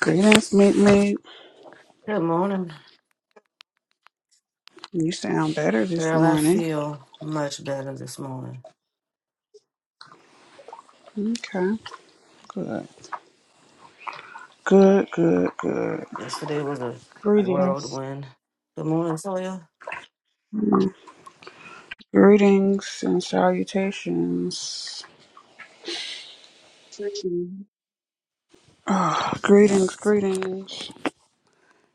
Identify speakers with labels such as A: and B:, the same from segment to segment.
A: Greetings, Meet me.
B: Good morning,
A: You sound better this
B: girl. I
A: morning.
B: feel much better this morning.
A: Okay, good. Good, good, good.
B: Yesterday was a
C: Greetings.
B: whirlwind. Good morning, Toya.
A: Mm. Greetings and salutations. Ah, greetings, greetings.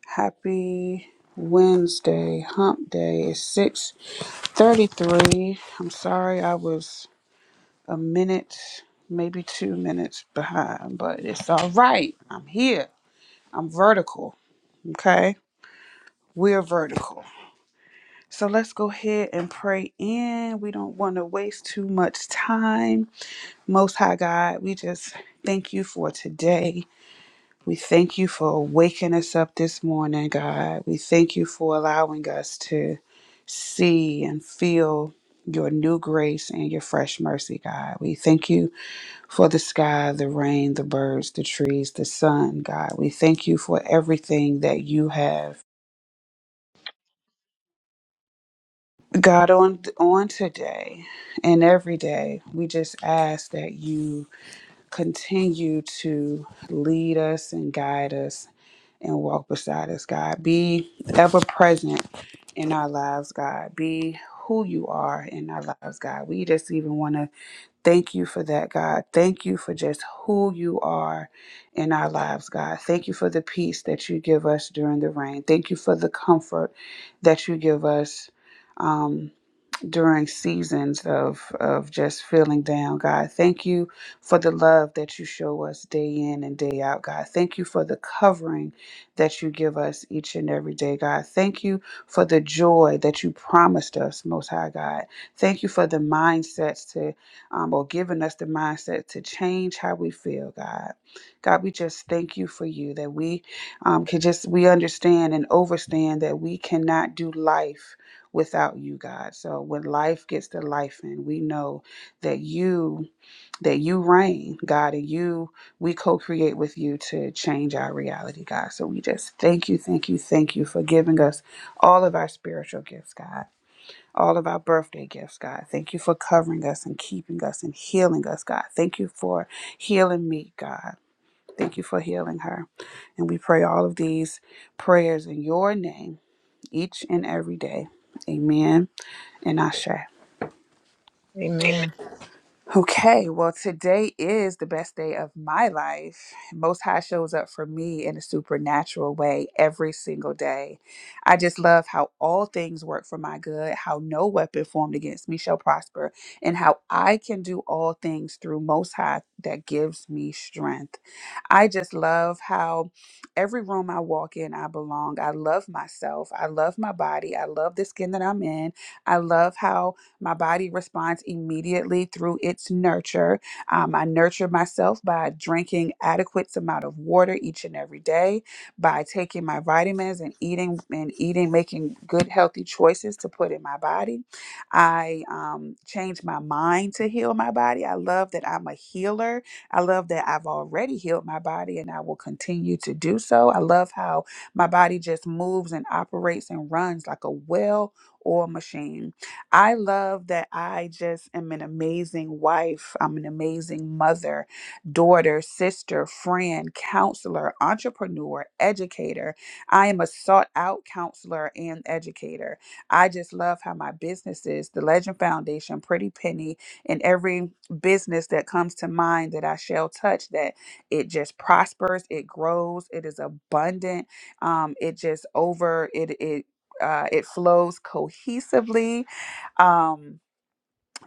A: Happy Wednesday, hump day. It's 6.33. I'm sorry I was a minute, maybe two minutes behind, but it's all right. I'm here. I'm vertical, okay? We're vertical. So let's go ahead and pray in. We don't want to waste too much time. Most High God, we just thank you for today. We thank you for waking us up this morning, God. We thank you for allowing us to see and feel your new grace and your fresh mercy, God. We thank you for the sky, the rain, the birds, the trees, the sun, God. We thank you for everything that you have God, on on today and every day, we just ask that you continue to lead us and guide us and walk beside us, God. Be ever present in our lives, God. Be who you are in our lives, God. We just even want to thank you for that, God. Thank you for just who you are in our lives, God. Thank you for the peace that you give us during the rain. Thank you for the comfort that you give us. Um, during seasons of of just feeling down god thank you for the love that you show us day in and day out god thank you for the covering that you give us each and every day god thank you for the joy that you promised us most high god thank you for the mindsets to um, or giving us the mindset to change how we feel god god we just thank you for you that we um, can just we understand and overstand that we cannot do life without you, God. So when life gets to life and we know that you that you reign, God, and you we co-create with you to change our reality, God. So we just thank you, thank you, thank you for giving us all of our spiritual gifts, God. All of our birthday gifts, God. Thank you for covering us and keeping us and healing us, God. Thank you for healing me, God. Thank you for healing her. And we pray all of these prayers in your name each and every day. Amen and Asha.
C: Amen.
A: Okay, well, today is the best day of my life. Most High shows up for me in a supernatural way every single day. I just love how all things work for my good, how no weapon formed against me shall prosper, and how I can do all things through Most High that gives me strength. I just love how every room I walk in, I belong. I love myself. I love my body. I love the skin that I'm in. I love how my body responds immediately through its nurture. Um, I nurture myself by drinking adequate amount of water each and every day, by taking my vitamins and eating and eating, making good healthy choices to put in my body. I um, change my mind to heal my body. I love that I'm a healer. I love that I've already healed my body and I will continue to do so. I love how my body just moves and operates and runs like a well or machine. I love that I just am an amazing wife. I'm an amazing mother, daughter, sister, friend, counselor, entrepreneur, educator. I am a sought out counselor and educator. I just love how my businesses, the Legend Foundation, Pretty Penny, and every business that comes to mind that I shall touch, that it just prospers, it grows, it is abundant, um, it just over, it, it, uh, it flows cohesively um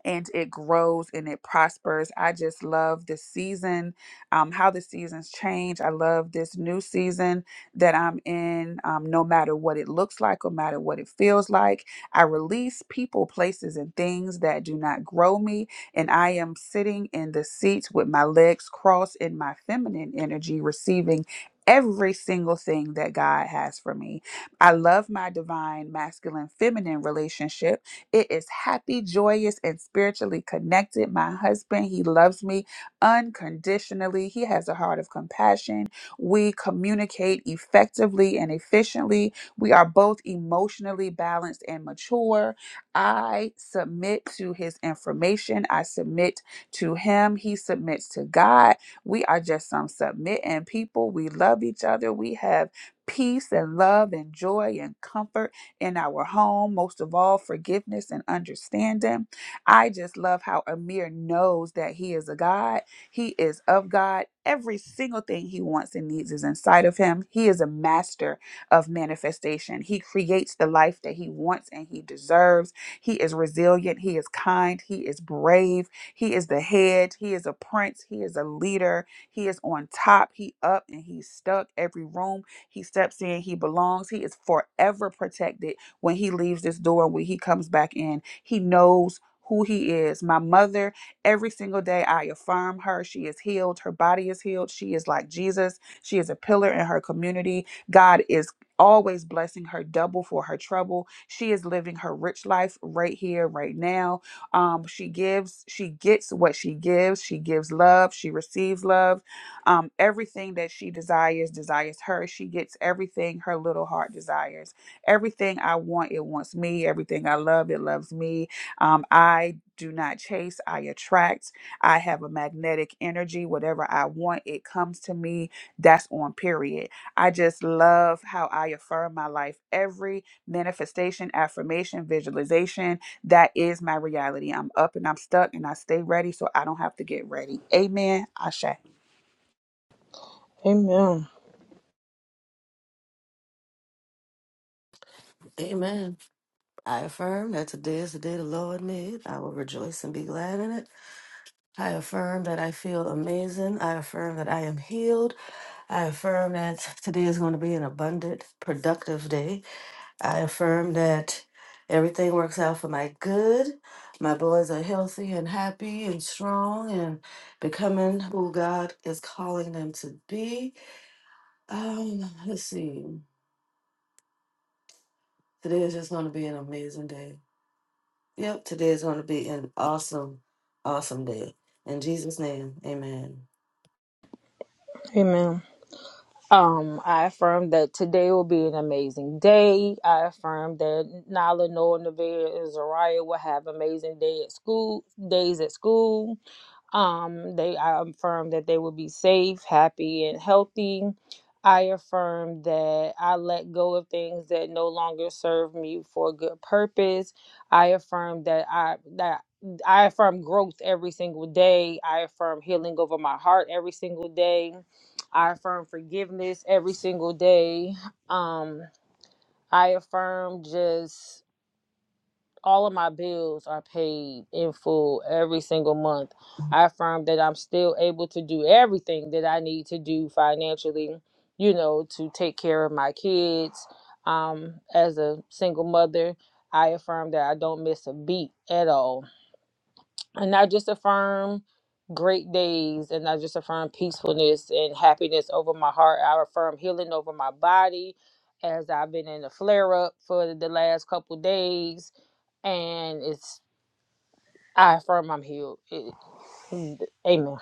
A: and it grows and it prospers i just love this season um how the seasons change i love this new season that i'm in um no matter what it looks like no matter what it feels like i release people places and things that do not grow me and i am sitting in the seat with my legs crossed in my feminine energy receiving Every single thing that God has for me. I love my divine masculine feminine relationship it is happy, joyous, and spiritually connected. My husband, he loves me unconditionally. He has a heart of compassion. We communicate effectively and efficiently. We are both emotionally balanced and mature. I submit to his information. I submit to him. He submits to God. We are just some submitting people. We love each other. We have peace and love and joy and comfort in our home, most of all, forgiveness and understanding. I just love how Amir knows that he is a God, he is of God. Every single thing he wants and needs is inside of him. He is a master of manifestation. He creates the life that he wants and he deserves. He is resilient. He is kind. He is brave. He is the head. He is a prince. He is a leader. He is on top. He up and he's stuck. Every room he steps in, he belongs, he is forever protected when he leaves this door, when he comes back in. He knows who he is. My mother, every single day, I affirm her. She is healed. Her body is healed. She is like Jesus. She is a pillar in her community. God is always blessing her double for her trouble. She is living her rich life right here, right now. Um, she gives, she gets what she gives. She gives love. She receives love um, everything that she desires, desires her. She gets everything her little heart desires. Everything I want, it wants me. Everything I love, it loves me. Um, I do not chase, I attract. I have a magnetic energy. Whatever I want, it comes to me. That's on period. I just love how I affirm my life. Every manifestation, affirmation, visualization, that is my reality. I'm up and I'm stuck and I stay ready so I don't have to get ready. Amen. Ashe.
C: Amen.
B: Amen. I affirm that today is the day the Lord made. I will rejoice and be glad in it. I affirm that I feel amazing. I affirm that I am healed. I affirm that today is going to be an abundant, productive day. I affirm that everything works out for my good. My boys are healthy and happy and strong and becoming who God is calling them to be. Um, let's see. Today is just going to be an amazing day. Yep, today is going to be an awesome, awesome day. In Jesus' name, amen.
C: Amen. Um, I affirm that today will be an amazing day. I affirm that Nala, Noah, Nevaeh, and Zariah will have amazing day at school days at school. Um, they I affirm that they will be safe, happy, and healthy. I affirm that I let go of things that no longer serve me for a good purpose. I affirm that I that I affirm growth every single day. I affirm healing over my heart every single day. I affirm forgiveness every single day. Um, I affirm just all of my bills are paid in full every single month. I affirm that I'm still able to do everything that I need to do financially, you know, to take care of my kids. Um, as a single mother, I affirm that I don't miss a beat at all and I just affirm great days and I just affirm peacefulness and happiness over my heart. I affirm healing over my body as I've been in a flare up for the last couple days and it's I affirm I'm healed. It- amen.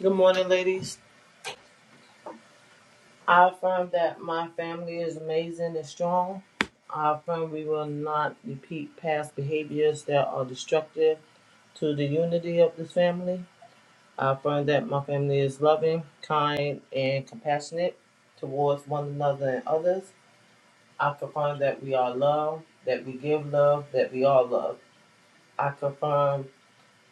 D: Good morning, ladies. I affirm that my family is amazing and strong. I affirm we will not repeat past behaviors that are destructive to the unity of this family. I affirm that my family is loving, kind, and compassionate towards one another and others. I confirm that we are loved, that we give love, that we are loved. I confirm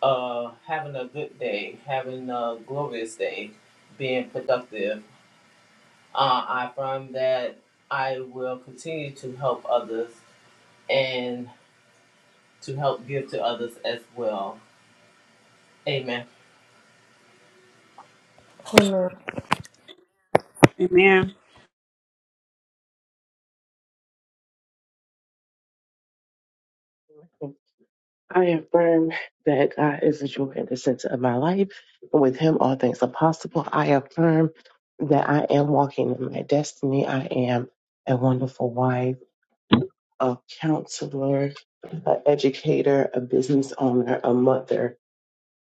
D: uh, having a good day, having a glorious day, being productive Uh, I find that I will continue to help others and to help give to others as well. Amen.
C: Amen.
A: Amen.
E: I affirm that God is the joy and the center of my life. With Him, all things are possible. I affirm that I am walking in my destiny. I am a wonderful wife, a counselor, an educator, a business owner, a mother,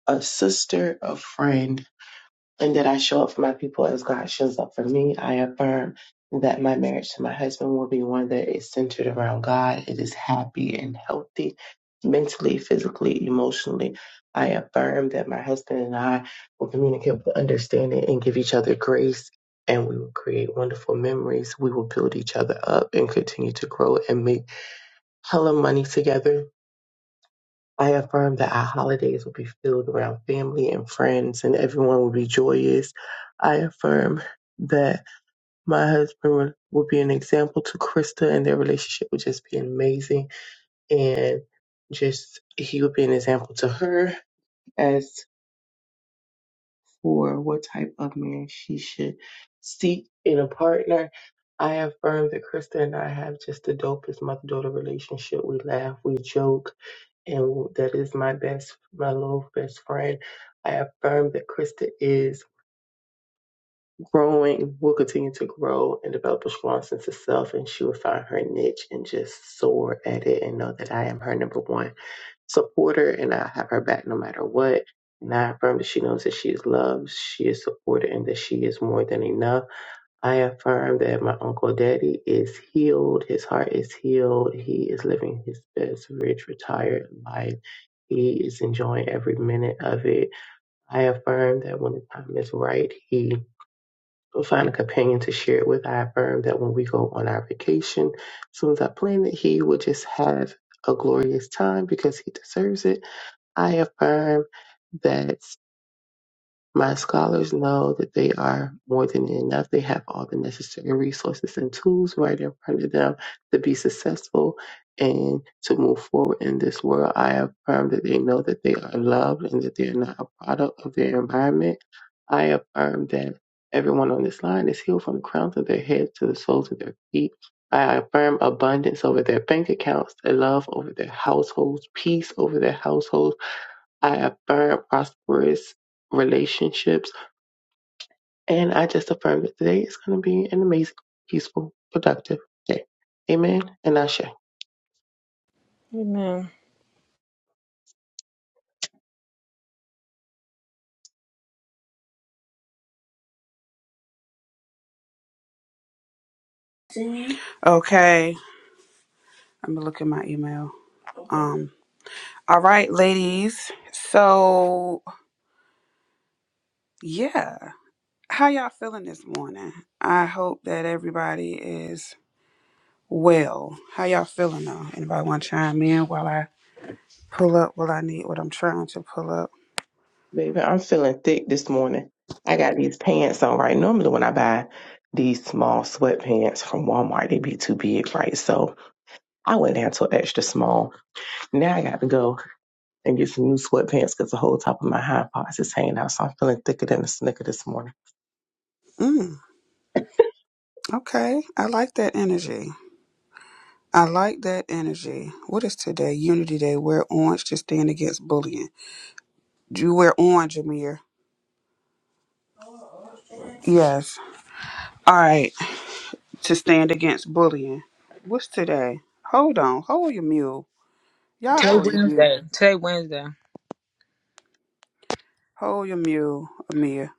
E: a sister, a friend, and that I show up for my people as God shows up for me. I affirm that my marriage to my husband will be one that is centered around God. It is happy and healthy, mentally, physically, emotionally. I affirm that my husband and I will communicate with understanding and give each other grace. And we will create wonderful memories. We will build each other up and continue to grow and make hella money together I affirm that our holidays will be filled around family and friends, and everyone will be joyous. I affirm that my husband will will be an example to Krista, and their relationship will just be amazing. And just he will be an example to her as for what type of man she should seek in a partner. I affirm that Krista and I have just the dopest mother daughter relationship. We laugh, we joke, and that is my best, my little best friend. I affirm that Krista is growing, will continue to grow and develop a strong sense of self, and she will find her niche and just soar at it and know that I am her number one supporter and I have her back no matter what. And I affirm that she knows that she is loved, she is supported, and that she is more than enough. I affirm that my Uncle Daddy is healed. His heart is healed. He is living his best, rich, retired life. He is enjoying every minute of it. I affirm that when the time is right, he will find a companion to share it with. I affirm that when we go on our vacation, as soon as I plan it, he will just have a glorious time because he deserves it. I affirm that. My scholars know that they are more than enough. They have all the necessary resources and tools right in front of them to be successful and to move forward in this world. I affirm that they know that they are loved and that they're not a product of their environment. I affirm that everyone on this line is healed from the crowns of their heads to the soles of their feet. I affirm abundance over their bank accounts, their love over their households, peace over their households I affirm prosperous relationships. And I just affirm that today is going to be an amazing, peaceful, productive day. Amen. And Ashe.
C: Amen.
A: Okay, let me look at my email. Um, all right, ladies. So yeah, how y'all feeling this morning? I hope that everybody is well. How y'all feeling though? Anybody want to chime in while I pull up what I need, what I'm trying to pull up?
E: Baby, I'm feeling thick this morning. I got these pants on right. Normally, when I buy these small sweatpants from Walmart, they be too big, right? So I went down to an extra small. Now I got to go and get some new sweatpants because the whole top of my hind parts is hanging out. So I'm feeling thicker than a snicker this morning.
A: Mm, okay, I like that energy. I like that energy. What is today? Unity Day. Wear orange to stand against bullying. Do you wear orange, Amir? Yes. All right. to stand against bullying. What's today? Hold on, hold your mule. Y'all
C: Today
A: hold your mule.
C: Wednesday. Today Wednesday.
A: Hold your mule, Amir.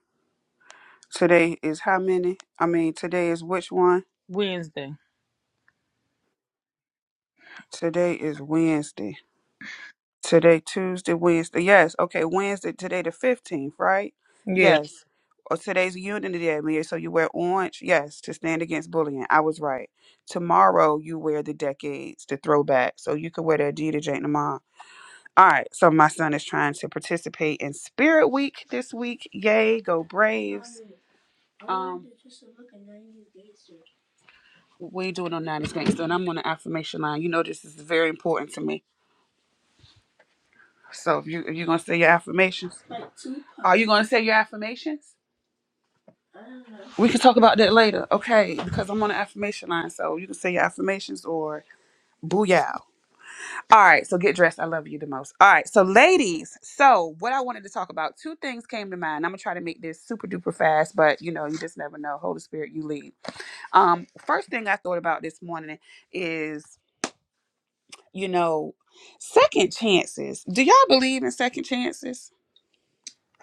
A: Today is how many? I mean, today is which one?
C: Wednesday.
A: Today is Wednesday. Today, Tuesday, Wednesday. Yes, okay, Wednesday, today the 15th, right?
C: Yeah.
A: Yes. Or today's Unity Day, Amir. So you wear orange? Yes, to stand against bullying. I was right. Tomorrow, you wear the decades, the throwback. So you could wear that Adidas Jane tomorrow. All right, so my son is trying to participate in Spirit Week this week. Yay, go Braves. Um, we ain't doing on 90s Gangster, and I'm on the affirmation line. You know this is very important to me. So if you if you're gonna say your affirmations. Are you gonna say your affirmations? We can talk about that later, okay? Because I'm on the affirmation line, so you can say your affirmations or booyah. All right, so get dressed. I love you the most. All right, so ladies, so what I wanted to talk about, two things came to mind. I'm gonna try to make this super duper fast, but you know, you just never know. Holy Spirit, you lead. Um, first thing I thought about this morning is, you know, second chances. Do y'all believe in second chances?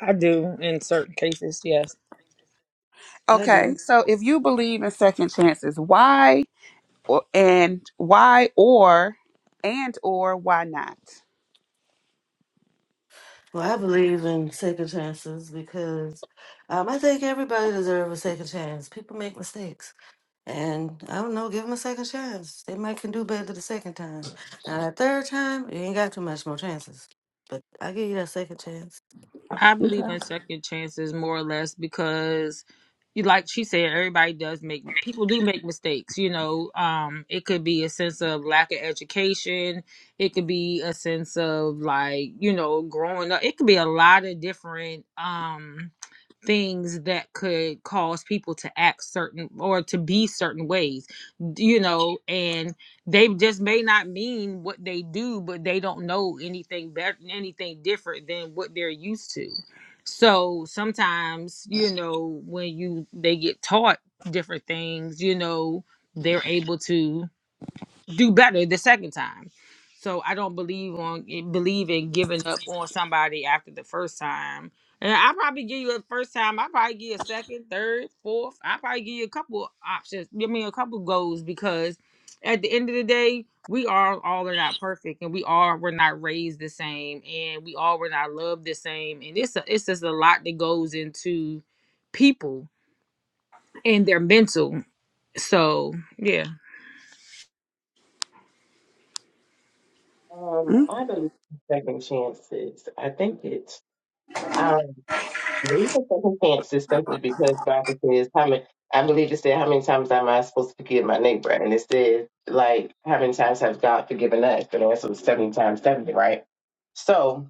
C: I do in certain cases, yes.
B: I
A: Okay,
B: do.
A: so if you believe in second chances, why or and why or and or why not?
B: Well, I believe in second chances because um, I think everybody deserves a second chance. People make mistakes. And I don't know, give them a second chance. They might can do better the second time. Now that third time, you ain't got too much more chances. But I give you that second chance.
C: I believe in second chances more or less because you like she said, everybody does make people do make mistakes, you know. Um, it could be a sense of lack of education, it could be a sense of like, you know, growing up. It could be a lot of different um things that could cause people to act certain or to be certain ways, you know, and they just may not mean what they do, but they don't know anything better, anything different than what they're used to. So sometimes, you know, when you they get taught different things, you know, they're able to do better the second time. So I don't believe on believe in giving up on somebody after the first time. And I probably give you a first time. I probably give you a second, third, fourth. I probably give you a couple options. Give me a couple goals because at the end of the day, we are all are not perfect, and we are we're not raised the same, and we all were not loved the same. And it's a, it's just a lot that goes into people and their mental. So yeah,
E: Um,
A: Mm,
E: I believe in second chances. I think it's um, I believe in second chances simply because Bible says how many. I believe it said how many times am I supposed to forgive my neighbor, and it says like how many times has God forgiven us? But the answer was seventy times seventy, right? So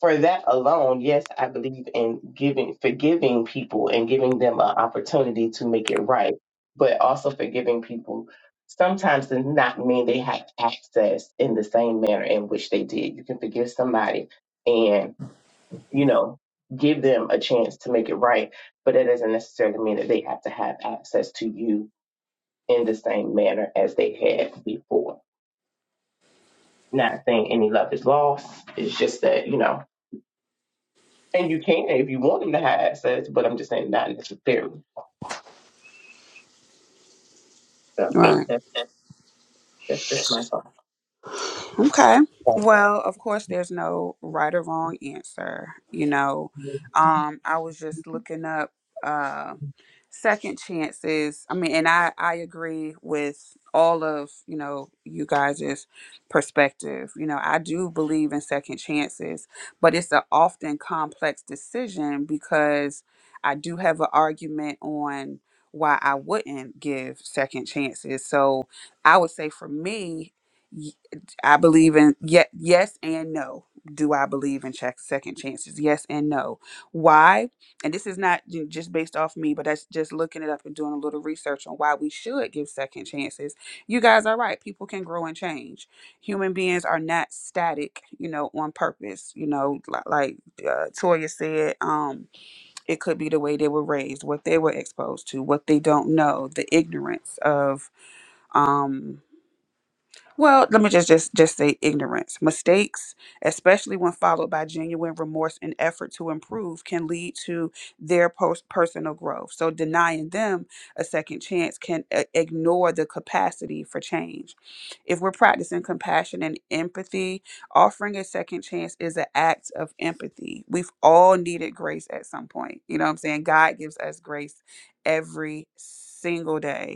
E: for that alone, yes, I believe in giving, forgiving people and giving them an opportunity to make it right, but also forgiving people sometimes does not mean they have access in the same manner in which they did. You can forgive somebody and, you know, give them a chance to make it right, but that doesn't necessarily mean that they have to have access to you in the same manner as they had before. Not saying any love is lost. It's just that, you know, And you can if you want them to have access, but I'm just saying not necessarily. So
A: All Hey, right.
E: that, that's just my
A: Okay.
E: thought.
A: Well, of course, there's no right or wrong answer. You know, um, I was just looking up. uh, second chances i mean and i i agree with all of you know you guys' perspective you know i do believe in second chances but it's an often complex decision because i do have an argument on why i wouldn't give second chances so i would say for me y- i believe in yet yes and no do i believe in check second chances yes and no why and this is not ju- just based off me, but that's just looking it up and doing a little research on why we should give second chances. You guys are right. People can grow and change. Human beings are not static, you know, on purpose. You know, li- like uh, Toya said, um, it could be the way they were raised, what they were exposed to, what they don't know, the ignorance of. Um, well, let me just just just say ignorance. Mistakes, especially when followed by genuine remorse and effort to improve, can lead to their post personal growth. So denying them a second chance can uh, ignore the capacity for change. If we're practicing compassion and empathy, offering a second chance is an act of empathy. We've all needed grace at some point. You know what I'm saying? God gives us grace every single day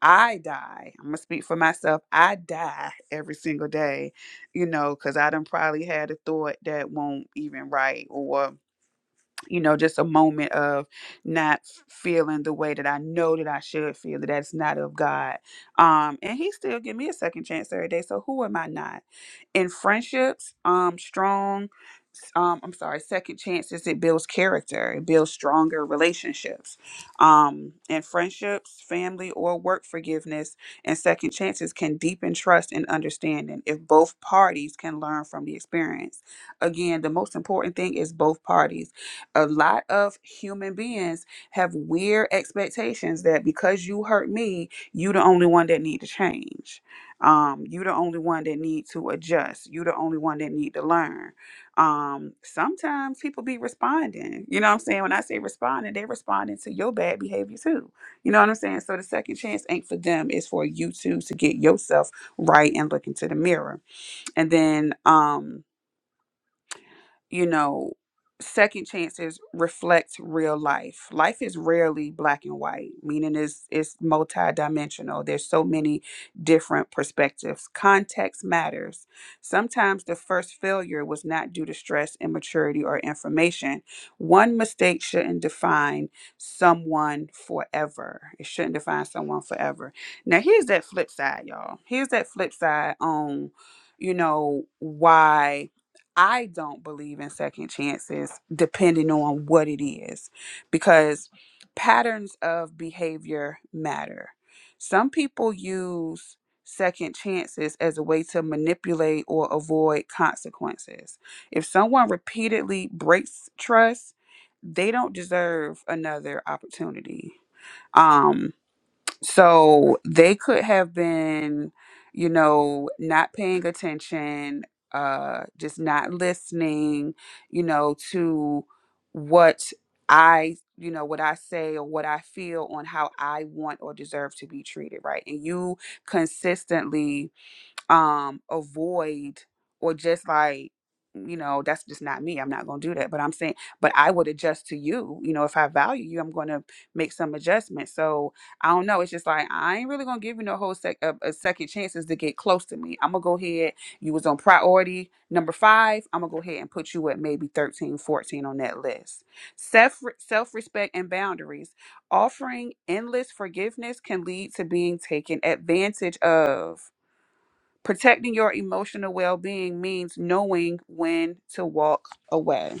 A: I die. I'm gonna speak for myself. I die every single day, you know, because I done probably had a thought that won't even right, or you know, just a moment of not f- feeling the way that I know that I should feel that that's not of God. Um, and He still give me a second chance every day. So who am I not? in friendships um strong um i'm sorry second chances it builds character it builds stronger relationships um and friendships family or work forgiveness and second chances can deepen trust and understanding if both parties can learn from the experience again the most important thing is both parties a lot of human beings have weird expectations that because you hurt me you the only one that need to change um you the only one that need to adjust you the only one that need to learn um sometimes people be responding you know what i'm saying when i say responding they responding to your bad behavior too you know what i'm saying so the second chance ain't for them it's for you two to get yourself right and look into the mirror and then um you know, second chances reflect real life. Life is rarely black and white, meaning it's it's multidimensional. There's so many different perspectives. Context matters. Sometimes the first failure was not due to stress, immaturity, or information. One mistake shouldn't define someone forever. It shouldn't define someone forever. Now here's that flip side, y'all. Here's that flip side on, you know, why I don't believe in second chances, depending on what it is, because patterns of behavior matter. Some people use second chances as a way to manipulate or avoid consequences. If someone repeatedly breaks trust, they don't deserve another opportunity. Um. So they could have been, you know, not paying attention, uh, just not listening, you know, to what I, you know, what I say or what I feel on how I want or deserve to be treated, right? And you consistently um avoid or just like you know that's just not me i'm not going to do that but i'm saying but i would adjust to you you know if i value you i'm going to make some adjustments so i don't know it's just like i ain't really going to give you no whole sec a, a second chances to get close to me i'm going to go ahead you was on priority number five i'm going to go ahead and put you at maybe 13, 14 on that list self self-respect and boundaries offering endless forgiveness can lead to being taken advantage of Protecting your emotional well being means knowing when to walk away.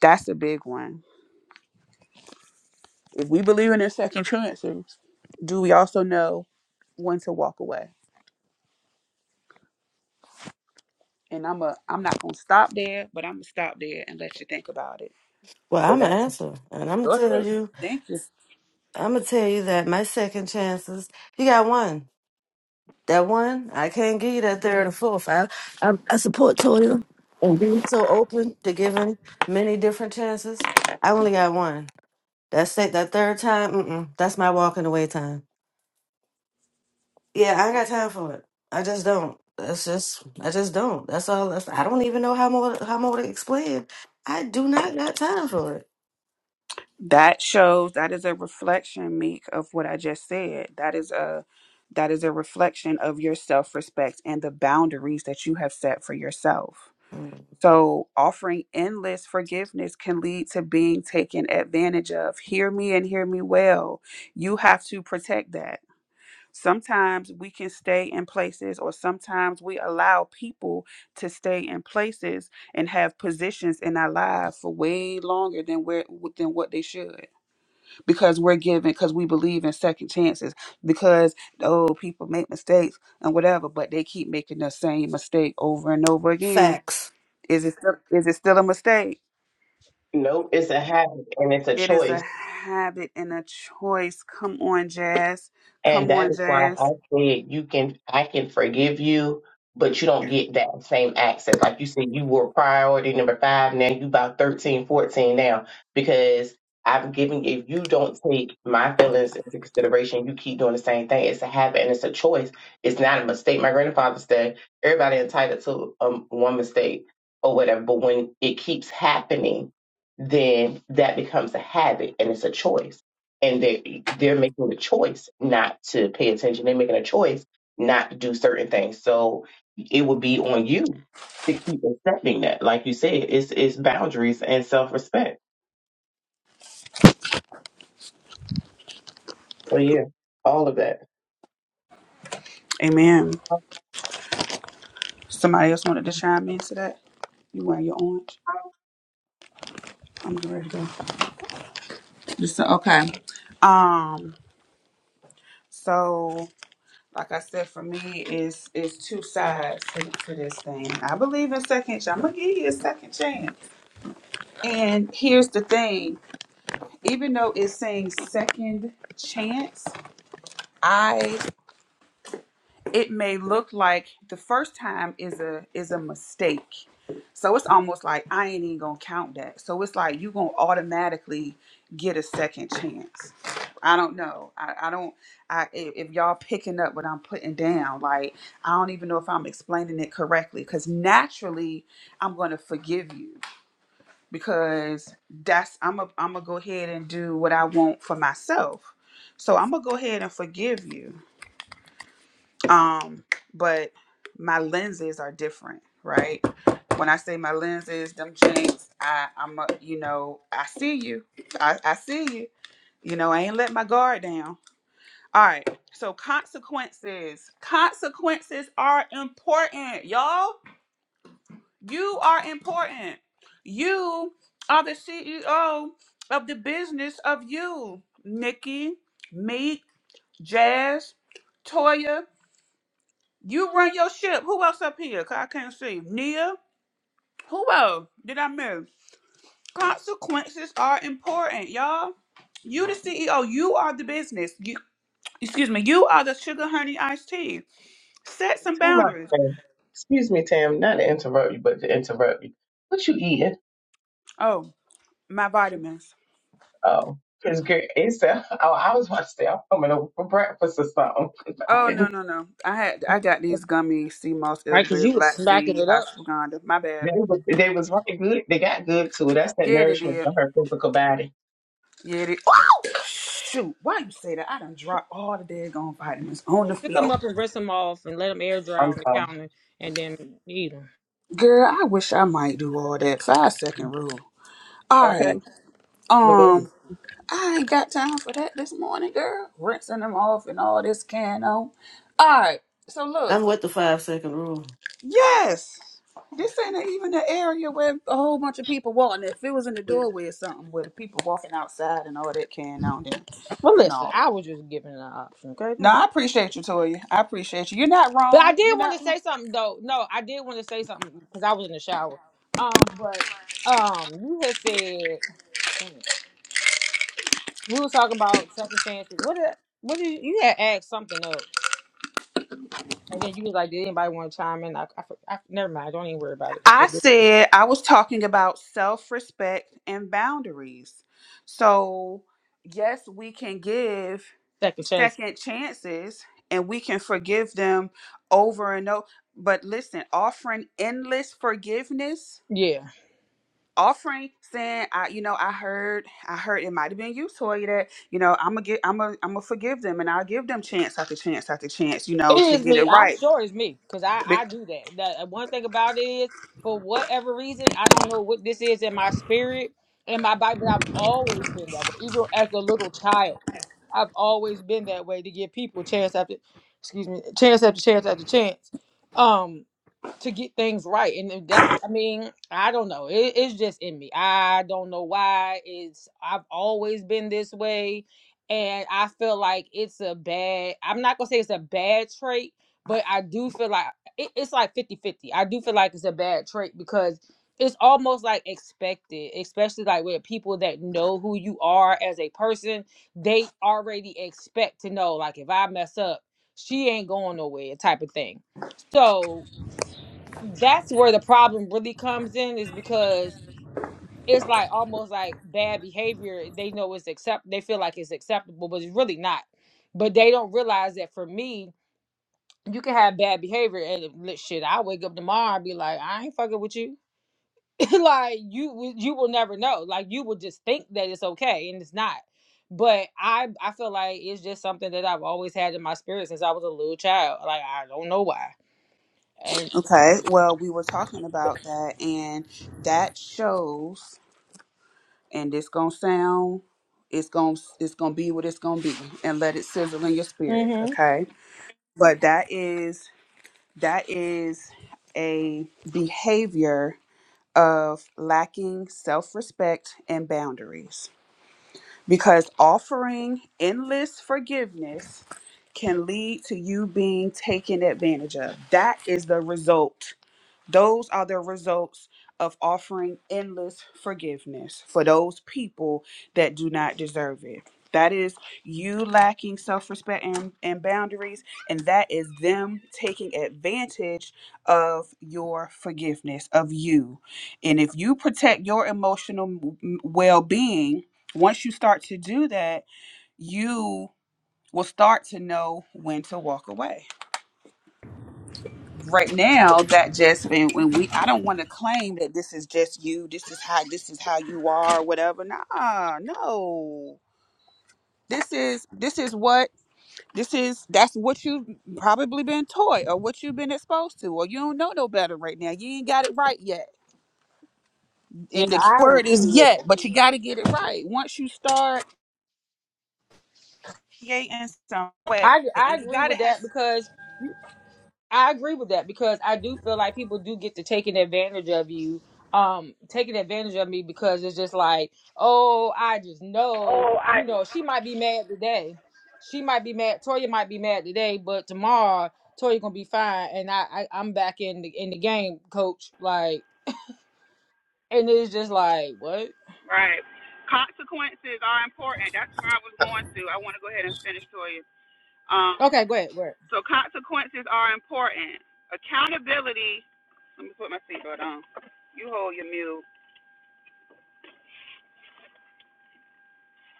A: That's a big one. If we believe in the second chances, do we also know when to walk away? And I'm a I'm not gonna stop there, but I'm gonna stop there and let you think about it.
B: Well,
E: But
B: I'm an
E: that's
A: It's-
B: answer, and I'm gonna
A: Go
B: tell
A: ahead.
B: you,
A: Thank you.
B: I'm gonna tell you that my second chances, you got one. That one, I can't give you that third or fourth. I, I, I support Toya and being so open to giving many different chances. I only got one. That's it. That third time, mm-mm, that's my walking away time. Yeah, I ain't got time for it. I just don't. That's just I just don't. That's all. That's, I don't even know how more how more to explain. I do not got time for it.
A: That shows that is a reflection, Meek, of what I just said. That is a that is a reflection of your self respect and the boundaries that you have set for yourself
B: Mm.
A: So, offering endless forgiveness can lead to being taken advantage of. Hear me and hear me well. You have to protect that. Sometimes we can stay in places, or sometimes we allow people to stay in places and have positions in our lives for way longer than where than what they should, because we're given, because we believe in second chances, because oh, people make mistakes and whatever, but they keep making the same mistake over and over again
B: Facts.
A: is it still, is it still a mistake?
E: no, it's a habit and it's a
A: It is a
E: choice.
A: habit and a choice. Come on, Jazz.
E: And
A: Come
E: that
A: on,
E: is why I
A: Jazz.
E: said you can I can forgive you, but you don't get that same access. Like you said, you were priority number five, now you about 13, 14 now, because I've given if you don't take my feelings into consideration, you keep doing the same thing. It's a habit and it's a choice. It's not a mistake. My grandfather said everybody entitled to um, one mistake or whatever, but when it keeps happening, then that becomes a habit and it's a choice and they they're making the choice not to pay attention. They're making a choice not to do certain things. So it would be on you to keep accepting that. Like you said, it's it's boundaries and self respect. So yeah, all of that.
A: Amen. Somebody else wanted to chime into that. You wearing your orange? I'm getting ready to go. Just, okay. Um. So, like I said, for me, is is two sides to, to this thing. I believe in second. chance. I'm gonna give you a second chance. And here's the thing: even though it's saying second chance, I. it may look like the first time is a is a mistake so it's almost like i ain't even gonna count that so it's like you gonna automatically get a second chance i don't know i, I don't i i- if y'all picking up what i'm putting down like i don't even know if i'm explaining it correctly because naturally i'm gonna forgive you because that's i'm a am gonna go ahead and do what i want for myself so i'm gonna go ahead and forgive you um but my lenses are different right when i say my lenses them jinx i i'm a, you know i see you I, I see you you know i ain't let my guard down all right so consequences consequences are important y'all you are important you are the ceo of the business of you nikki meek jazz toya you run your ship. Who else up here? 'Cause I can't see. Nia. Who else did I miss? Consequences are important, y'all. You the CEO. You are the business. You, excuse me. You are the sugar honey iced tea. Set some
E: Time out,
A: boundaries.
E: Tam. Excuse me, Tam, not to interrupt you, but to interrupt you. What you eating?
A: Oh, my vitamins.
E: Oh, cause girl, it's uh, oh, I was about to say I'm coming over for breakfast or something. 'Cause I
A: Oh no
E: didn't-
A: no no. I had I got these gummies. Sea moss,
C: right? Because
A: elderberry,
C: you were
A: black
C: smacking
A: seed,
C: it up.
A: ashwagandha. My
E: They
A: bad.
E: was, they was right good. They got good too. That's that
A: Yeah, they
E: nourishment
A: did.
E: for her physical body.
A: Yeah, they. Woo! Shoot, why you say that? I done dropped all the daggone vitamins on
C: Well,
A: the
C: pick
A: floor.
C: them up and rinse them off and let them air dry
E: I'm
C: on the
E: sorry.
C: counter and then eat them.
A: Girl, I wish I might do all that. Five second rule. All
E: Okay,
A: right.
E: but go ahead.
A: Um, I ain't got time for that this morning, girl. Rinsing them off and all this can on. All right. So look,
B: I'm with the five second rule.
A: yes, this ain't even an area where a whole bunch of people walking. If it was in the doorway or something, where the people walking outside and all that can on, then
C: Well, listen, I
A: no.
C: was just giving an option, okay? Don't
A: No,
C: be-
A: I appreciate you, Toya. I appreciate you. You're not
C: But I
A: wrong. You're
C: did want to
A: not wrong.
C: say something though. No, I did want to say something because I was in the shower. Um, but um, you had said dang it, we were talking about second chances. What did what did you had asked something else, and then you was like, did anybody want to chime in? I, I, for- I never mind. Don't even worry about it. 'cause
A: I
C: it was
A: said I was talking about self respect and boundaries. So, yes, we can give
C: Second chance.
A: second chances and we can forgive them over and over. But listen, offering endless forgiveness,
C: Yeah.
A: offering saying, I, you know, I heard, I heard it might have been you, Toya, that, you know, I'm gonna get, I'm gonna, I'm gonna forgive them and I'll give them chance after chance after chance, you
C: It
A: know, to
C: is
A: get
C: me.
A: it
C: I'm
A: right
C: sure it's me because I I do that. The one thing about it is, for whatever reason, I don't know what this is in my spirit and my body, but I've always been that way. Even as a little child, I've always been that way to give people chance after, excuse me, chance after chance after chance. Um, to get things right. And if that's, I mean, I don't know. It, it's just in me. I don't know why. It's I've always been this way, and I feel like it's a bad. I'm not gonna say it's a bad trait, but I do feel like it, it's like fifty-fifty. I do feel like it's a bad trait because it's almost like expected, especially like with people that know who you are as a person. They already expect to know, like if I mess up, she ain't going nowhere, type of thing. So that's where the problem really comes in is because it's like almost like bad behavior they know it's accept they feel like it's acceptable but it's really not but they don't realize that for me you can have bad behavior and li- shit i wake up tomorrow and be like i ain't fucking with you like you you will never know like you will just think that it's okay and it's not but i i feel like it's just something that i've always had in my spirit since i was a little child like i don't know why and
A: Okay, well, we were talking about that, and that shows, and it's gonna sound, it's gonna, it's gonna be what it's gonna be, and let it sizzle in your spirit,
C: hmm
A: okay? But that is, that is a behavior of lacking self-respect and boundaries, because offering endless forgiveness can lead to you being taken advantage of. That is the result Those are the results of offering endless forgiveness for those people that do not deserve it. That is you lacking self respect and, and boundaries, and that is them taking advantage of your forgiveness, of you. And if you protect your emotional well being, once you start to do that, you will start to know when to walk away right now that just and when we I don't want to claim that this is just you, this is how this is how you are, whatever. Nah, no. This is this is what this is that's what you've probably been taught or what you've been exposed to, or you don't know no better right now. You ain't got it right yet.
C: yeah
A: And the key
C: i would
A: word is
C: do
A: yet,
C: that
A: but you gotta get it right. Once you start creating some way
C: I
A: and
C: I
A: you
C: agree
A: gotta
C: with
A: have
C: that because I agree with that because I do feel like people do get to taking advantage of you, um, taking advantage of me because it's just like, oh, I just know,
A: Oh, I
C: you know, she might be mad today, she might be mad, Toya might be mad today, but tomorrow Toya gonna be fine, and I, I I'm back in the in the game, coach. Like, and it's just like, what?
A: right. consequences are important. That's where I was going to. I want to go ahead and finish Toya. Um,
C: Okay, go ahead. Where?
A: so consequences are important. Accountability. Let me put my seatbelt on. You hold your mute.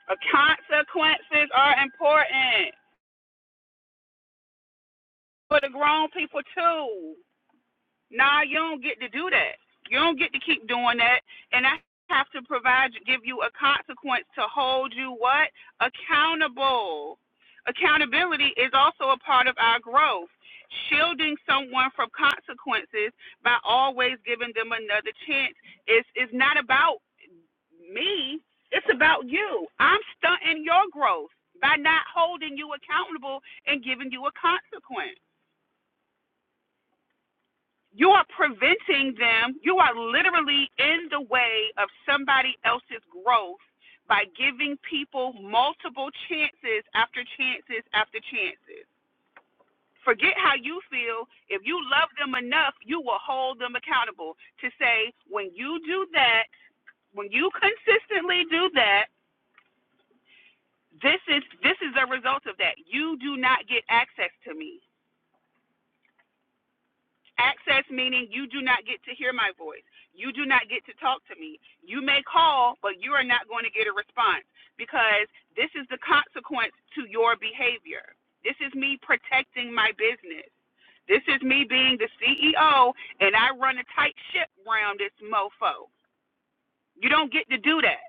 A: Uh, consequences are important for the grown people too. Nah, you don't get to do that. You don't get to keep doing that. And I have to provide, give you a consequence to hold you what? Accountable. Accountability is also a part of our growth. Shielding someone from consequences by always giving them another chance is is not about me. It's about you. I'm stunting your growth by not holding you accountable and giving you a consequence. You are preventing them. You are literally in the way of somebody else's growth by giving people multiple chances after chances after chances. Forget how you feel. If you love them enough, you will hold them accountable to say, when you do that, when you consistently do that, this is this is a result of that. You do not get access to me. Access meaning you do not get to hear my voice. You do not get to talk to me. You may call, but you are not going to get a response because this is the consequence to your behavior. This is me protecting my business. This is me being the CEO and I run a tight ship around this mofo. You don't get to do that.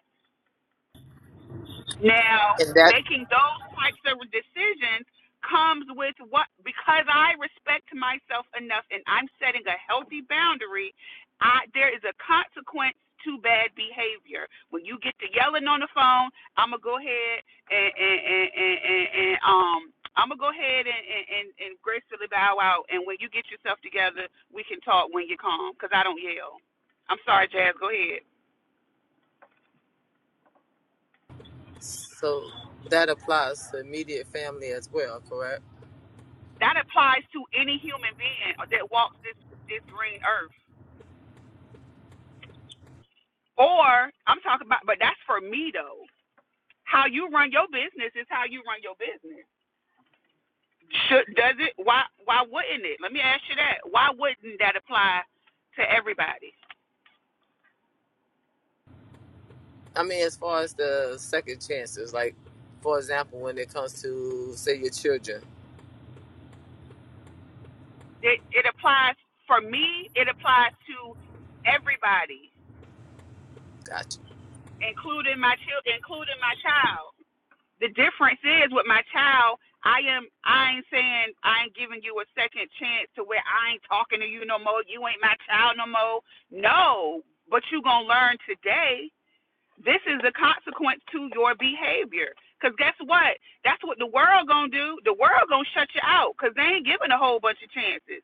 A: Now,
D: And that
A: making those types of decisions comes with what because I respect myself enough and I'm setting a healthy boundary, I there is a consequence to bad behavior. When you get to yelling on the phone, I'm gonna go ahead and and and and, and, and um I'm gonna go ahead and, and, and, and gracefully bow out, and when you get yourself together, we can talk when you're calm, because I don't yell. I'm sorry, Jazz. Go ahead.
D: so that applies to immediate family as well, correct?
A: That applies to any human being that walks this this green earth. Or I'm talking about, but that's for me though. How you run your business is how you run your business. Should does it? Why why wouldn't it? Let me ask you that. Why wouldn't that apply to everybody?
D: I mean, as far as the second chances, like for example, when it comes to say your children.
A: It it applies for me. It applies to everybody,
D: Gotcha.
A: including my child, including my child. the difference is with my child i am i ain't saying i ain't giving you a second chance to where i ain't talking to you no more you ain't my child no more no but you gonna learn today this is the consequence to your behavior because guess what that's what the world gonna do the world gonna shut you out because they ain't giving a whole bunch of chances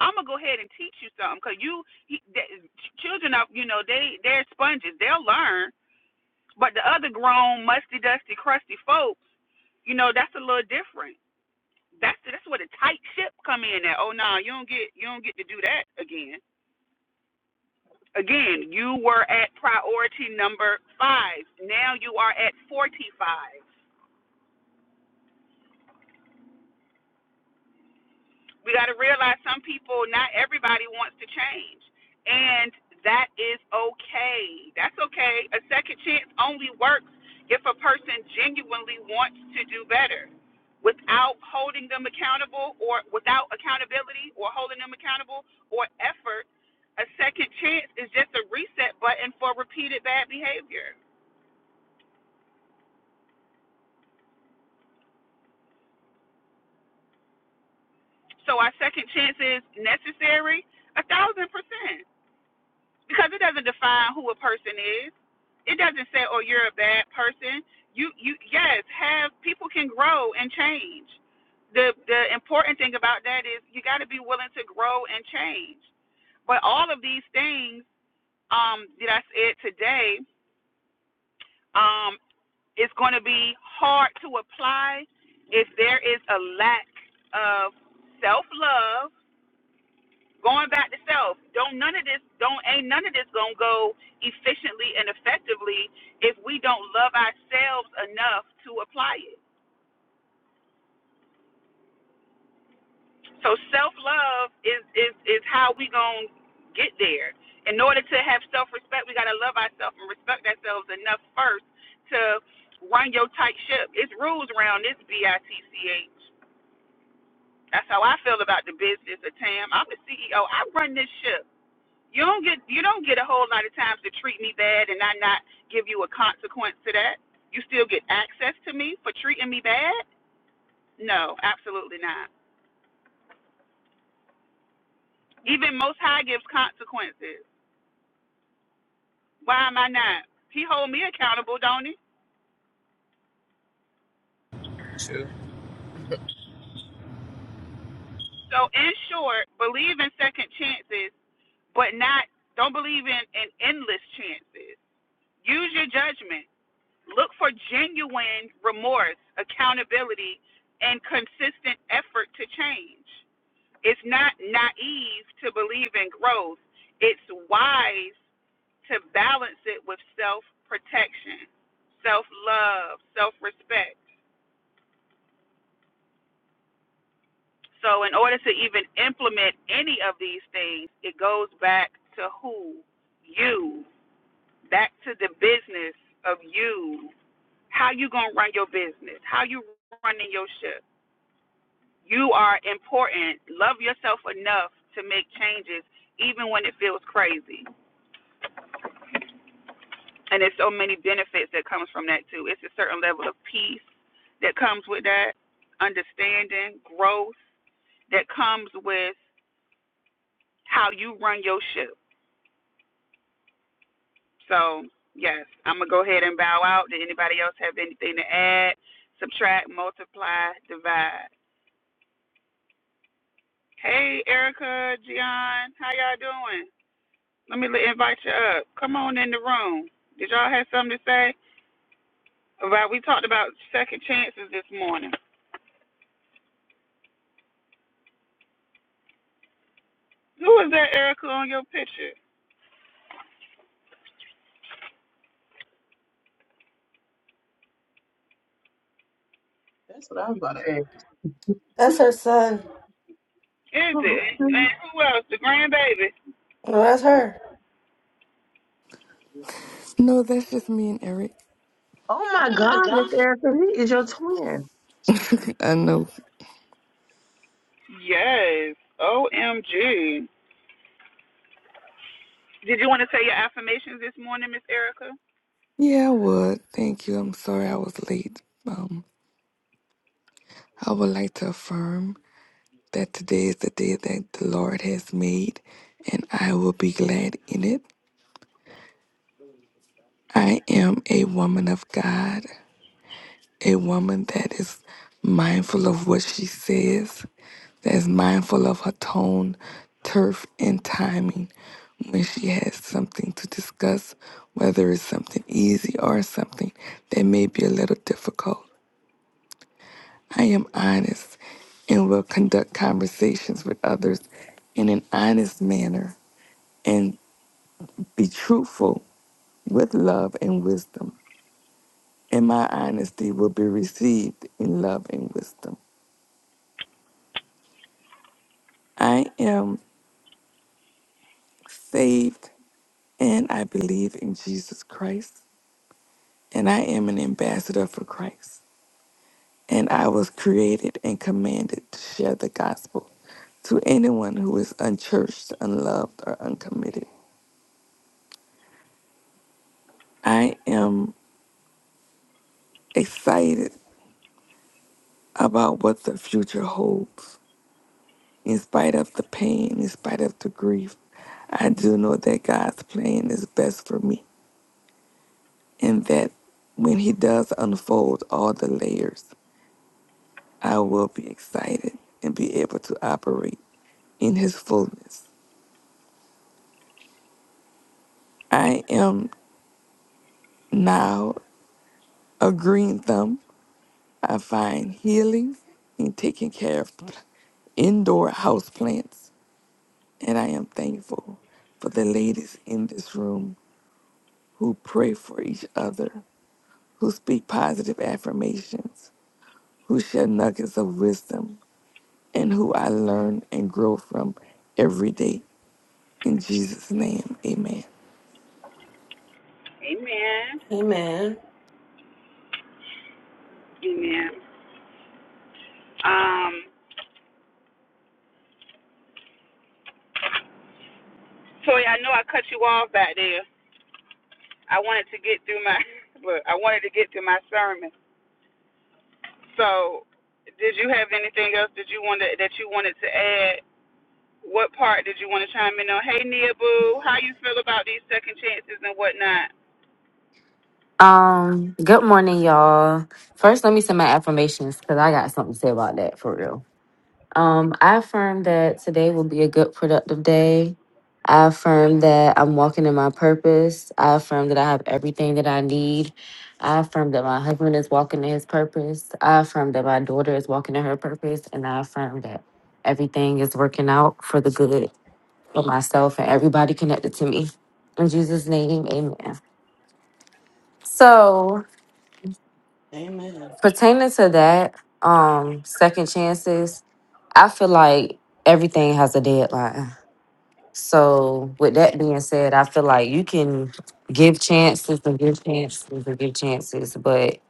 A: I'm gonna go ahead and teach you something because you, he, th- children are, you know, they they're sponges. They'll learn, but the other grown, musty, dusty, crusty folks. You know, that's a little different. That's that's where the tight ship come in at. Oh no, you don't get you don't get to do that again. Again, you were at priority number five. Now you are at forty five. We got to realize some people, not everybody wants to change. And that is okay. That's okay. A second chance only works if a person genuinely wants to do better. Without holding them accountable or without accountability or holding them accountable or effort, a second chance is just a reset button for repeated bad behavior. So our second chance is necessary a thousand percent. because it doesn't define who a person is. It doesn't say, "Oh, you're a bad person." You, you, yes, have people can grow and change. The the important thing about that is you got to be willing to grow and change. But all of these things um, that I said today, um, it's going to be hard to apply if there is a lack of self love Going back to self. Don't none of this don't ain't none of this gonna go efficiently and effectively if we don't love ourselves enough to apply it. So self love is is is how we gonna get there. In order to have self respect, we gotta love ourselves and respect ourselves enough first to run your tight ship. It's rules around this B I T C H. That's how I feel about the business of Tam. I'm the CEO. I run this ship. You don't get you don't get a whole lot of times to treat me bad and I not give you a consequence to that. You still get access to me for treating me bad? No, absolutely not. Even Most High gives consequences. Why am I not? He hold me accountable, don't he?
D: True.
A: So in short, believe in second chances, but not don't believe in, in endless chances. Use your judgment. Look for genuine remorse, accountability, and consistent effort to change. It's not naive to believe in growth. It's wise to balance it with self protection, self love, self respect. So, in order to even implement any of these things, it goes back to who? You. Back to the business of you. How you going to run your business? How you running your ship? You are important. Love yourself enough to make changes even when it feels crazy. and there's so many benefits that comes from that too. It's a certain level of peace that comes with that, understanding, growth that comes with how you run your ship. So yes, I'm gonna go ahead and bow out. Did anybody else have anything to add, subtract, multiply, divide? Hey, Erica, Gian, how y'all doing? Let me li- invite you up. Come on in the room. Did y'all have something to say about? We talked about second chances this morning. Who is that, Erica, on your picture?
E: That's what I was about to ask.
B: That's her son.
A: Is
E: Oh,
A: it?
E: okay.
A: And who else? The grandbaby.
B: No, that's her.
F: No, that's just me and Eric.
E: oh
F: Oh
E: my
F: my
E: God, Miss
F: God.
E: Erica, he is your twin.
F: I know.
A: Yes. OMG. Did you want to say your affirmations this morning, Miss Erica?
F: Yeah, I would. Thank you. I'm sorry I was late. Um, I would like to affirm that today is the day that the Lord has made, and I will be glad in it. I am a woman of God. a woman that is mindful of what she says, that is mindful of her tone, turf, and timing when she has something to discuss, whether it's something easy or something that may be a little difficult. I am honest and will conduct conversations with others in an honest manner and be truthful with love and wisdom. And my honesty will be received in love and wisdom. I am saved, and I believe in Jesus Christ, and I am an ambassador for Christ. And I was created and commanded to share the gospel to anyone who is unchurched, unloved, or uncommitted. I am excited about what the future holds. In spite of the pain, in spite of the grief, I do know that God's plan is best for me and that when He does unfold all the layers, I will be excited and be able to operate in His fullness. I am now a green thumb. I find healing in taking care of indoor house plants, and I am thankful for the ladies in this room who pray for each other, who speak positive affirmations, who share nuggets of wisdom, and who I learn and grow from every day. In Jesus' name, amen.
A: Amen.
B: Amen.
A: Amen. Um, Toy, I know I cut you off back there. I wanted to get through my, but I wanted to get to my sermon. So, did you have anything else that you wanted that you wanted to add? What part did you want to chime in on? Hey, Nia Boo, how you feel about these second chances and whatnot?
G: Um, good morning, y'all. First, let me send my affirmations because I got something to say about that for real. Um, I affirm that today will be a good, productive day. I affirm that I'm walking in my purpose. I affirm that I have everything that I need. I affirm that my husband is walking in his purpose. I affirm that my daughter is walking in her purpose. And I affirm that everything is working out for the good for myself and everybody connected to me. In Jesus' name, amen. So,
B: Amen.
G: pertaining to that, um, second chances, I feel like everything has a deadline. So with that being said, I feel like you can give chances and give chances and give chances, but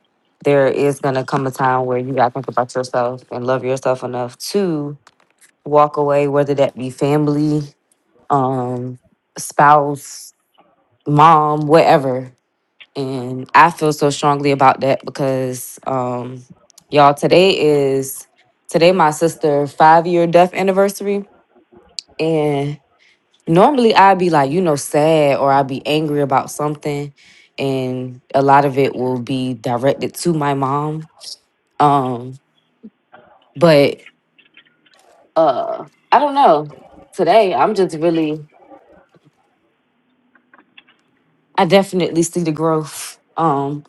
G: there is gonna come a time where you gotta think about yourself and love yourself enough to walk away, whether that be family, um, spouse, mom, whatever. And I feel so strongly about that because um y'all today is today my sister five year death anniversary. And normally I'd be like, you know, sad or I'd be angry about something. And a lot of it will be directed to my mom. Um, but uh I don't know. Today I'm just really I definitely see the growth. Um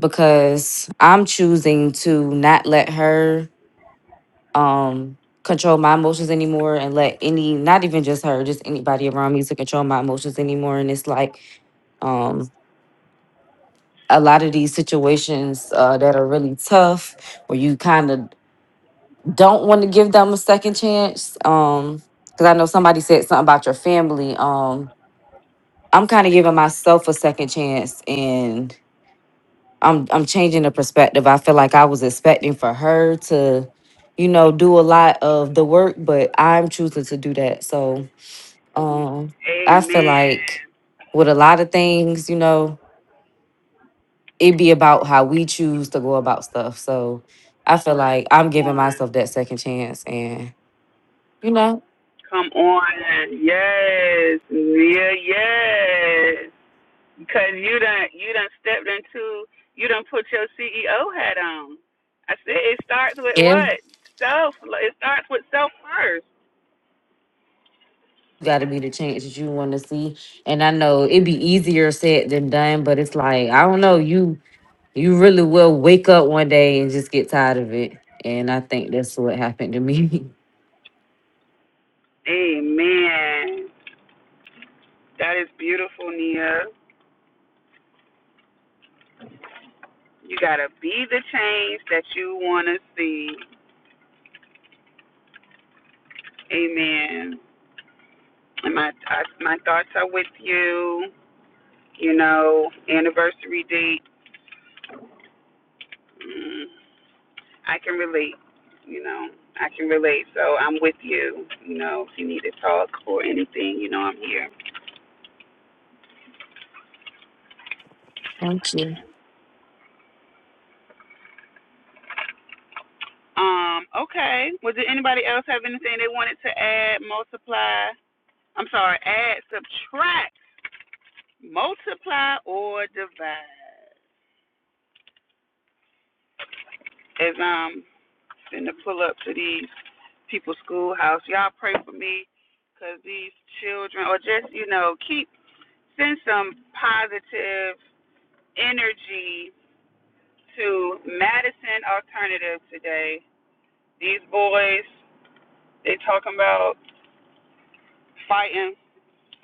G: because I'm choosing to not let her um control my emotions anymore and let any not even just her just anybody around me to control my emotions anymore and it's like um a lot of these situations uh that are really tough where you kind of don't want to give them a second chance um because i know somebody said something about your family um i'm kind of giving myself a second chance and i'm i'm changing the perspective i feel like i was expecting for her to you know do a lot of the work but i'm choosing to do that so Um, I feel like
A: Amen.
G: with a lot of things, you know, it be about how we choose to go about stuff. So I feel like I'm
A: Come
G: giving
A: on.
G: myself that second chance and you know,
A: Come on. Yes. Yeah, yes. Because you done, you done stepped into, you done put your CEO hat on. I said it starts with
G: yeah.
A: what? Self. It starts with self first.
G: Gotta be the change that you wanna see. And I know it'd be easier said than done, but it's like, I don't know, you you really will wake up one day and just get tired of it. And I think that's what happened to me.
A: Amen. That is beautiful, Nia. You gotta be the change that you wanna see. Amen. And my I, my thoughts are with you. You know, anniversary date. Mm. I can relate. You know, I can relate. So I'm with you. You know, if you need to talk or anything, you know, I'm here.
G: Thank you.
A: Um, okay. Well, did anybody else have anything they wanted to add, multiply? I'm sorry, add, subtract, multiply, or divide? As I'm finna pull up to these people's schoolhouse, y'all pray for me, 'cause these children, or just, you know, keep, send some positive energy to Madison Alternative today. These boys, they talking about fighting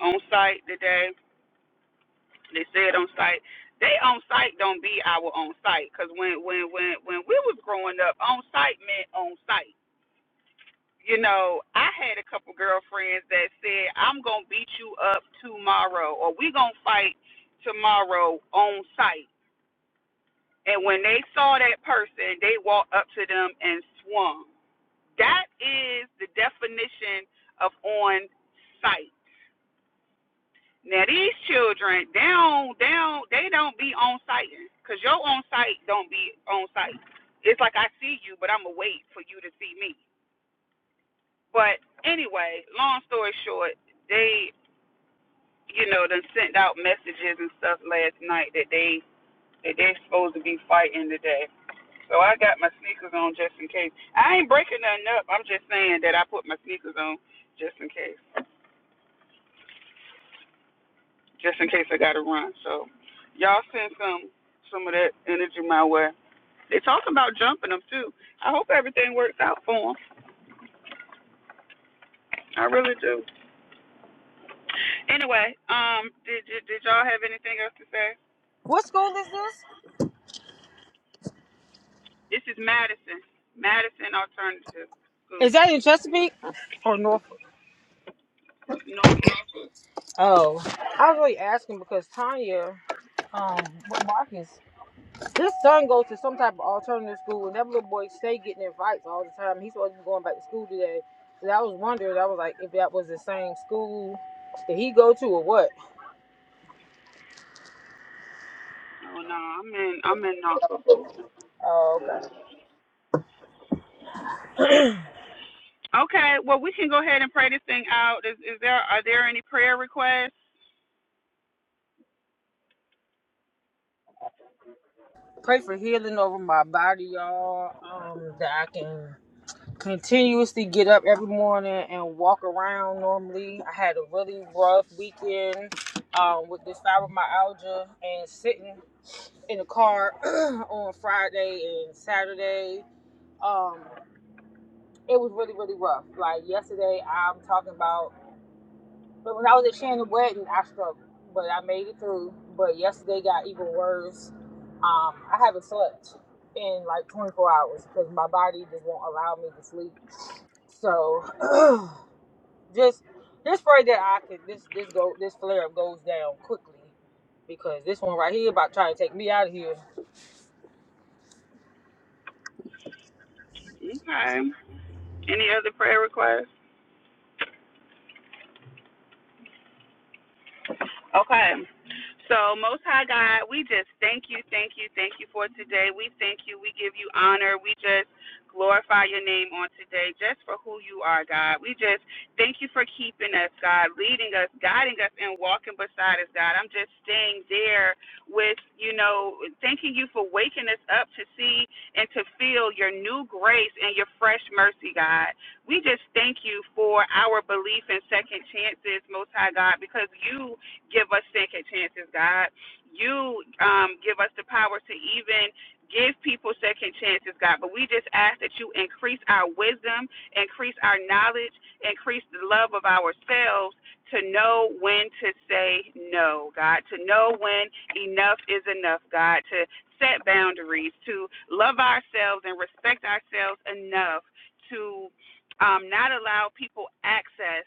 A: on site today. They said on site. They on site don't be our on site. Cause when when when when we was growing up, on site meant on site. You know, I had a couple girlfriends that said, "I'm gonna beat you up tomorrow," or "We gonna fight tomorrow on site." And when they saw that person, they walked up to them and swung That is the definition of on site. Now these children, they don't, they don't, they don't be on site because your on site don't be on site. It's like I see you, but I'ma wait for you to see me. But anyway, long story short, they, you know, done sent out messages and stuff last night that they that they are supposed to be fighting today. So I got my sneakers on just in case. I ain't breaking nothing up. I'm just saying that I put my sneakers on just in case. just in case I gotta run. So y'all send some some of that energy my way. They talk about jumping them too. I hope everything works out for them. I really do. Anyway, um, did did, did y'all have anything else to say?
C: What school is this?
A: This is Madison, Madison Alternative School,
C: Is that in Chesapeake or Norfolk?
A: Norfolk.
C: Oh, I was really asking because Tanya. um with Marcus. His son goes to some type of alternative school, and that little boy stay getting in fights all the time. He's supposed to be going back to school today. So I was wondering, I was like, if that was the same school that he go to or what.
A: Oh no, I'm in I'm in Norfolk.
C: Oh, okay.
A: Okay, well we can go ahead and pray this thing out. Is is there are there any prayer requests?
C: Pray for healing over my body, y'all. Um, that I can continuously get up every morning and walk around normally. I had a really rough weekend um, with this fibromyalgia and sitting in the car on Friday and Saturday um, it was really, really rough. Like yesterday, I'm talking about, but when I was at Shannon Wedding, I struggled, but I made it through. But yesterday got even worse. Um, I haven't slept in like 24 hours because my body just won't allow me to sleep. So just just pray that I can this this go this flare up goes down quickly because this one right here about trying to take me out of here.
A: Okay, any other prayer requests? Okay. So, Most High God, we just thank you, thank you, thank you for today. We thank you. We give you honor. We just glorify your name on today just for who you are, God. We just thank you for keeping us, God, leading us, guiding us, and walking beside us, God. I'm just staying there with, you know, thanking you for waking us up to see and to feel your new grace and your fresh mercy, God. We just thank you for our belief in second chances, Most High God, because you give us second chances, God. You um, give us the power to even give people second chances, God. But we just ask that you increase our wisdom, increase our knowledge, increase the love of ourselves to know when to say no, God, to know when enough is enough, God, to set boundaries, to love ourselves and respect ourselves enough to um, not allow people access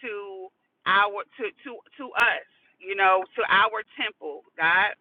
A: to our to to to us you know to our temple god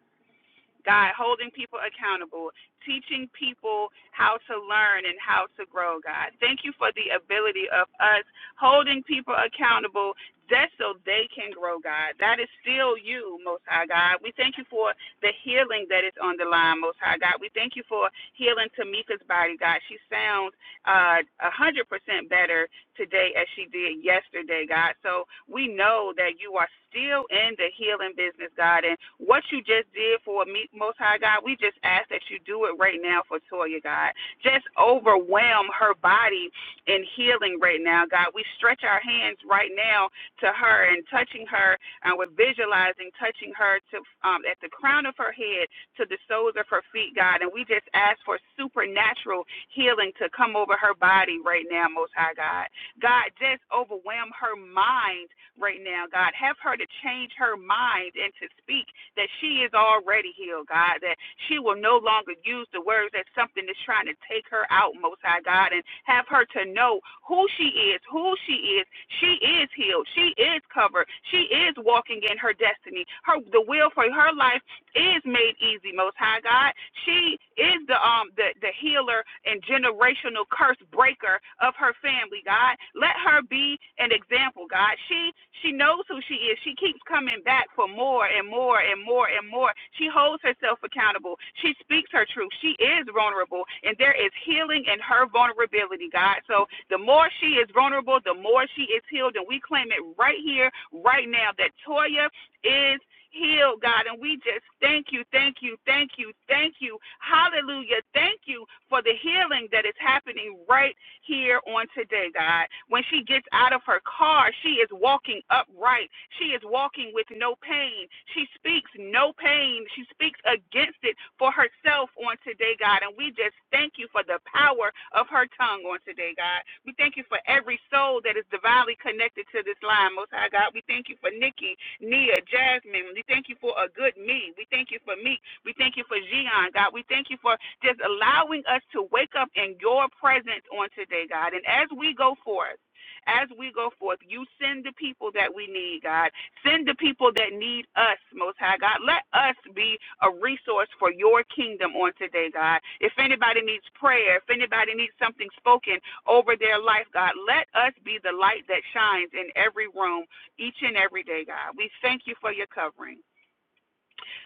A: god holding people accountable teaching people how to learn and how to grow god thank you for the ability of us holding people accountable just so they can grow god that is still you most high god we thank you for the healing that is on the line most high god we thank you for healing tamika's body god she sounds uh 100% better today as she did yesterday, God. So we know that you are still in the healing business, God. And what you just did for me, Most High God, we just ask that you do it right now for Toya, God. Just overwhelm her body in healing right now, God. We stretch our hands right now to her and touching her, and we're visualizing touching her to um, at the crown of her head to the soles of her feet, God. And we just ask for supernatural healing to come over her body right now, Most High God. God, just overwhelm her mind right now, God. Have her to change her mind and to speak that she is already healed, God, that she will no longer use the words that something is trying to take her out, Most High God, and have her to know who she is, who she is. She is healed. She is covered. She is walking in her destiny. Her the will for her life is made easy, Most High God. She is the um the, the healer and generational curse breaker of her family, God. Let her be an example, God. She she knows who she is. She keeps coming back for more and more and more and more. She holds herself accountable. She speaks her truth. She is vulnerable, and there is healing in her vulnerability, God. So the more she is vulnerable, the more she is healed, and we claim it right here, right now, that Toya is healed, God. And we just thank you, thank you, thank you, thank you. Hallelujah. Thank you for the healing that is happening right here on today, God. When she gets out of her car, she is walking upright. She is walking with no pain. She speaks no pain. She speaks against it for herself on today, God. And we just thank you for the power of her tongue on today, God. We thank you for every soul that is divinely connected to this line, Most High God. We thank you for Nikki. Nia, Jasmine, we thank you for a good me. We thank you for me. We thank you for Gian, God. We thank you for just allowing us to wake up in your presence on today, God. And as we go forth, as we go forth, you send the people that we need, God. Send the people that need us, Most High God. Let us be a resource for your kingdom on today, God. If anybody needs prayer, if anybody needs something spoken over their life, God, let us be the light that shines in every room each and every day, God. We thank you for your covering.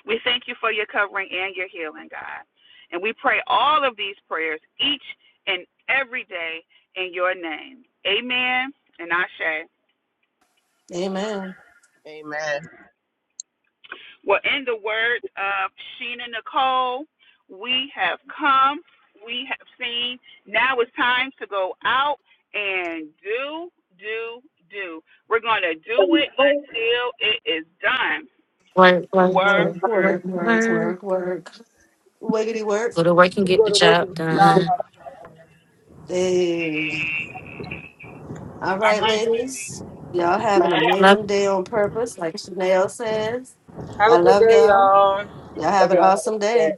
A: We thank you for your covering and your healing, God. And we pray all of these prayers each and every day in your name. Amen and Ashe.
B: Amen.
E: Amen.
A: Well, in the words of Sheena Nicole, we have come, we have seen. Now it's time to go out and do, do, do. We're going to do it until it is done.
G: Work, work,
A: Work,
G: work,
B: Work,
A: work.
G: work,
B: work, work,
G: work.
B: work, work. Wiggity work.
G: Go to work and
C: You
G: get
C: go
G: the
C: to work
G: job
C: and
G: done.
C: job.
B: Hey. All
A: All
B: right,
A: right, Cindy.
B: ladies. Y'all have an
G: Love.
B: amazing day on purpose, like Chanel says.
C: Have
B: I
C: a good
B: love
C: day,
B: y'all.
C: y'all.
B: Y'all have an awesome
E: Okay.
B: day.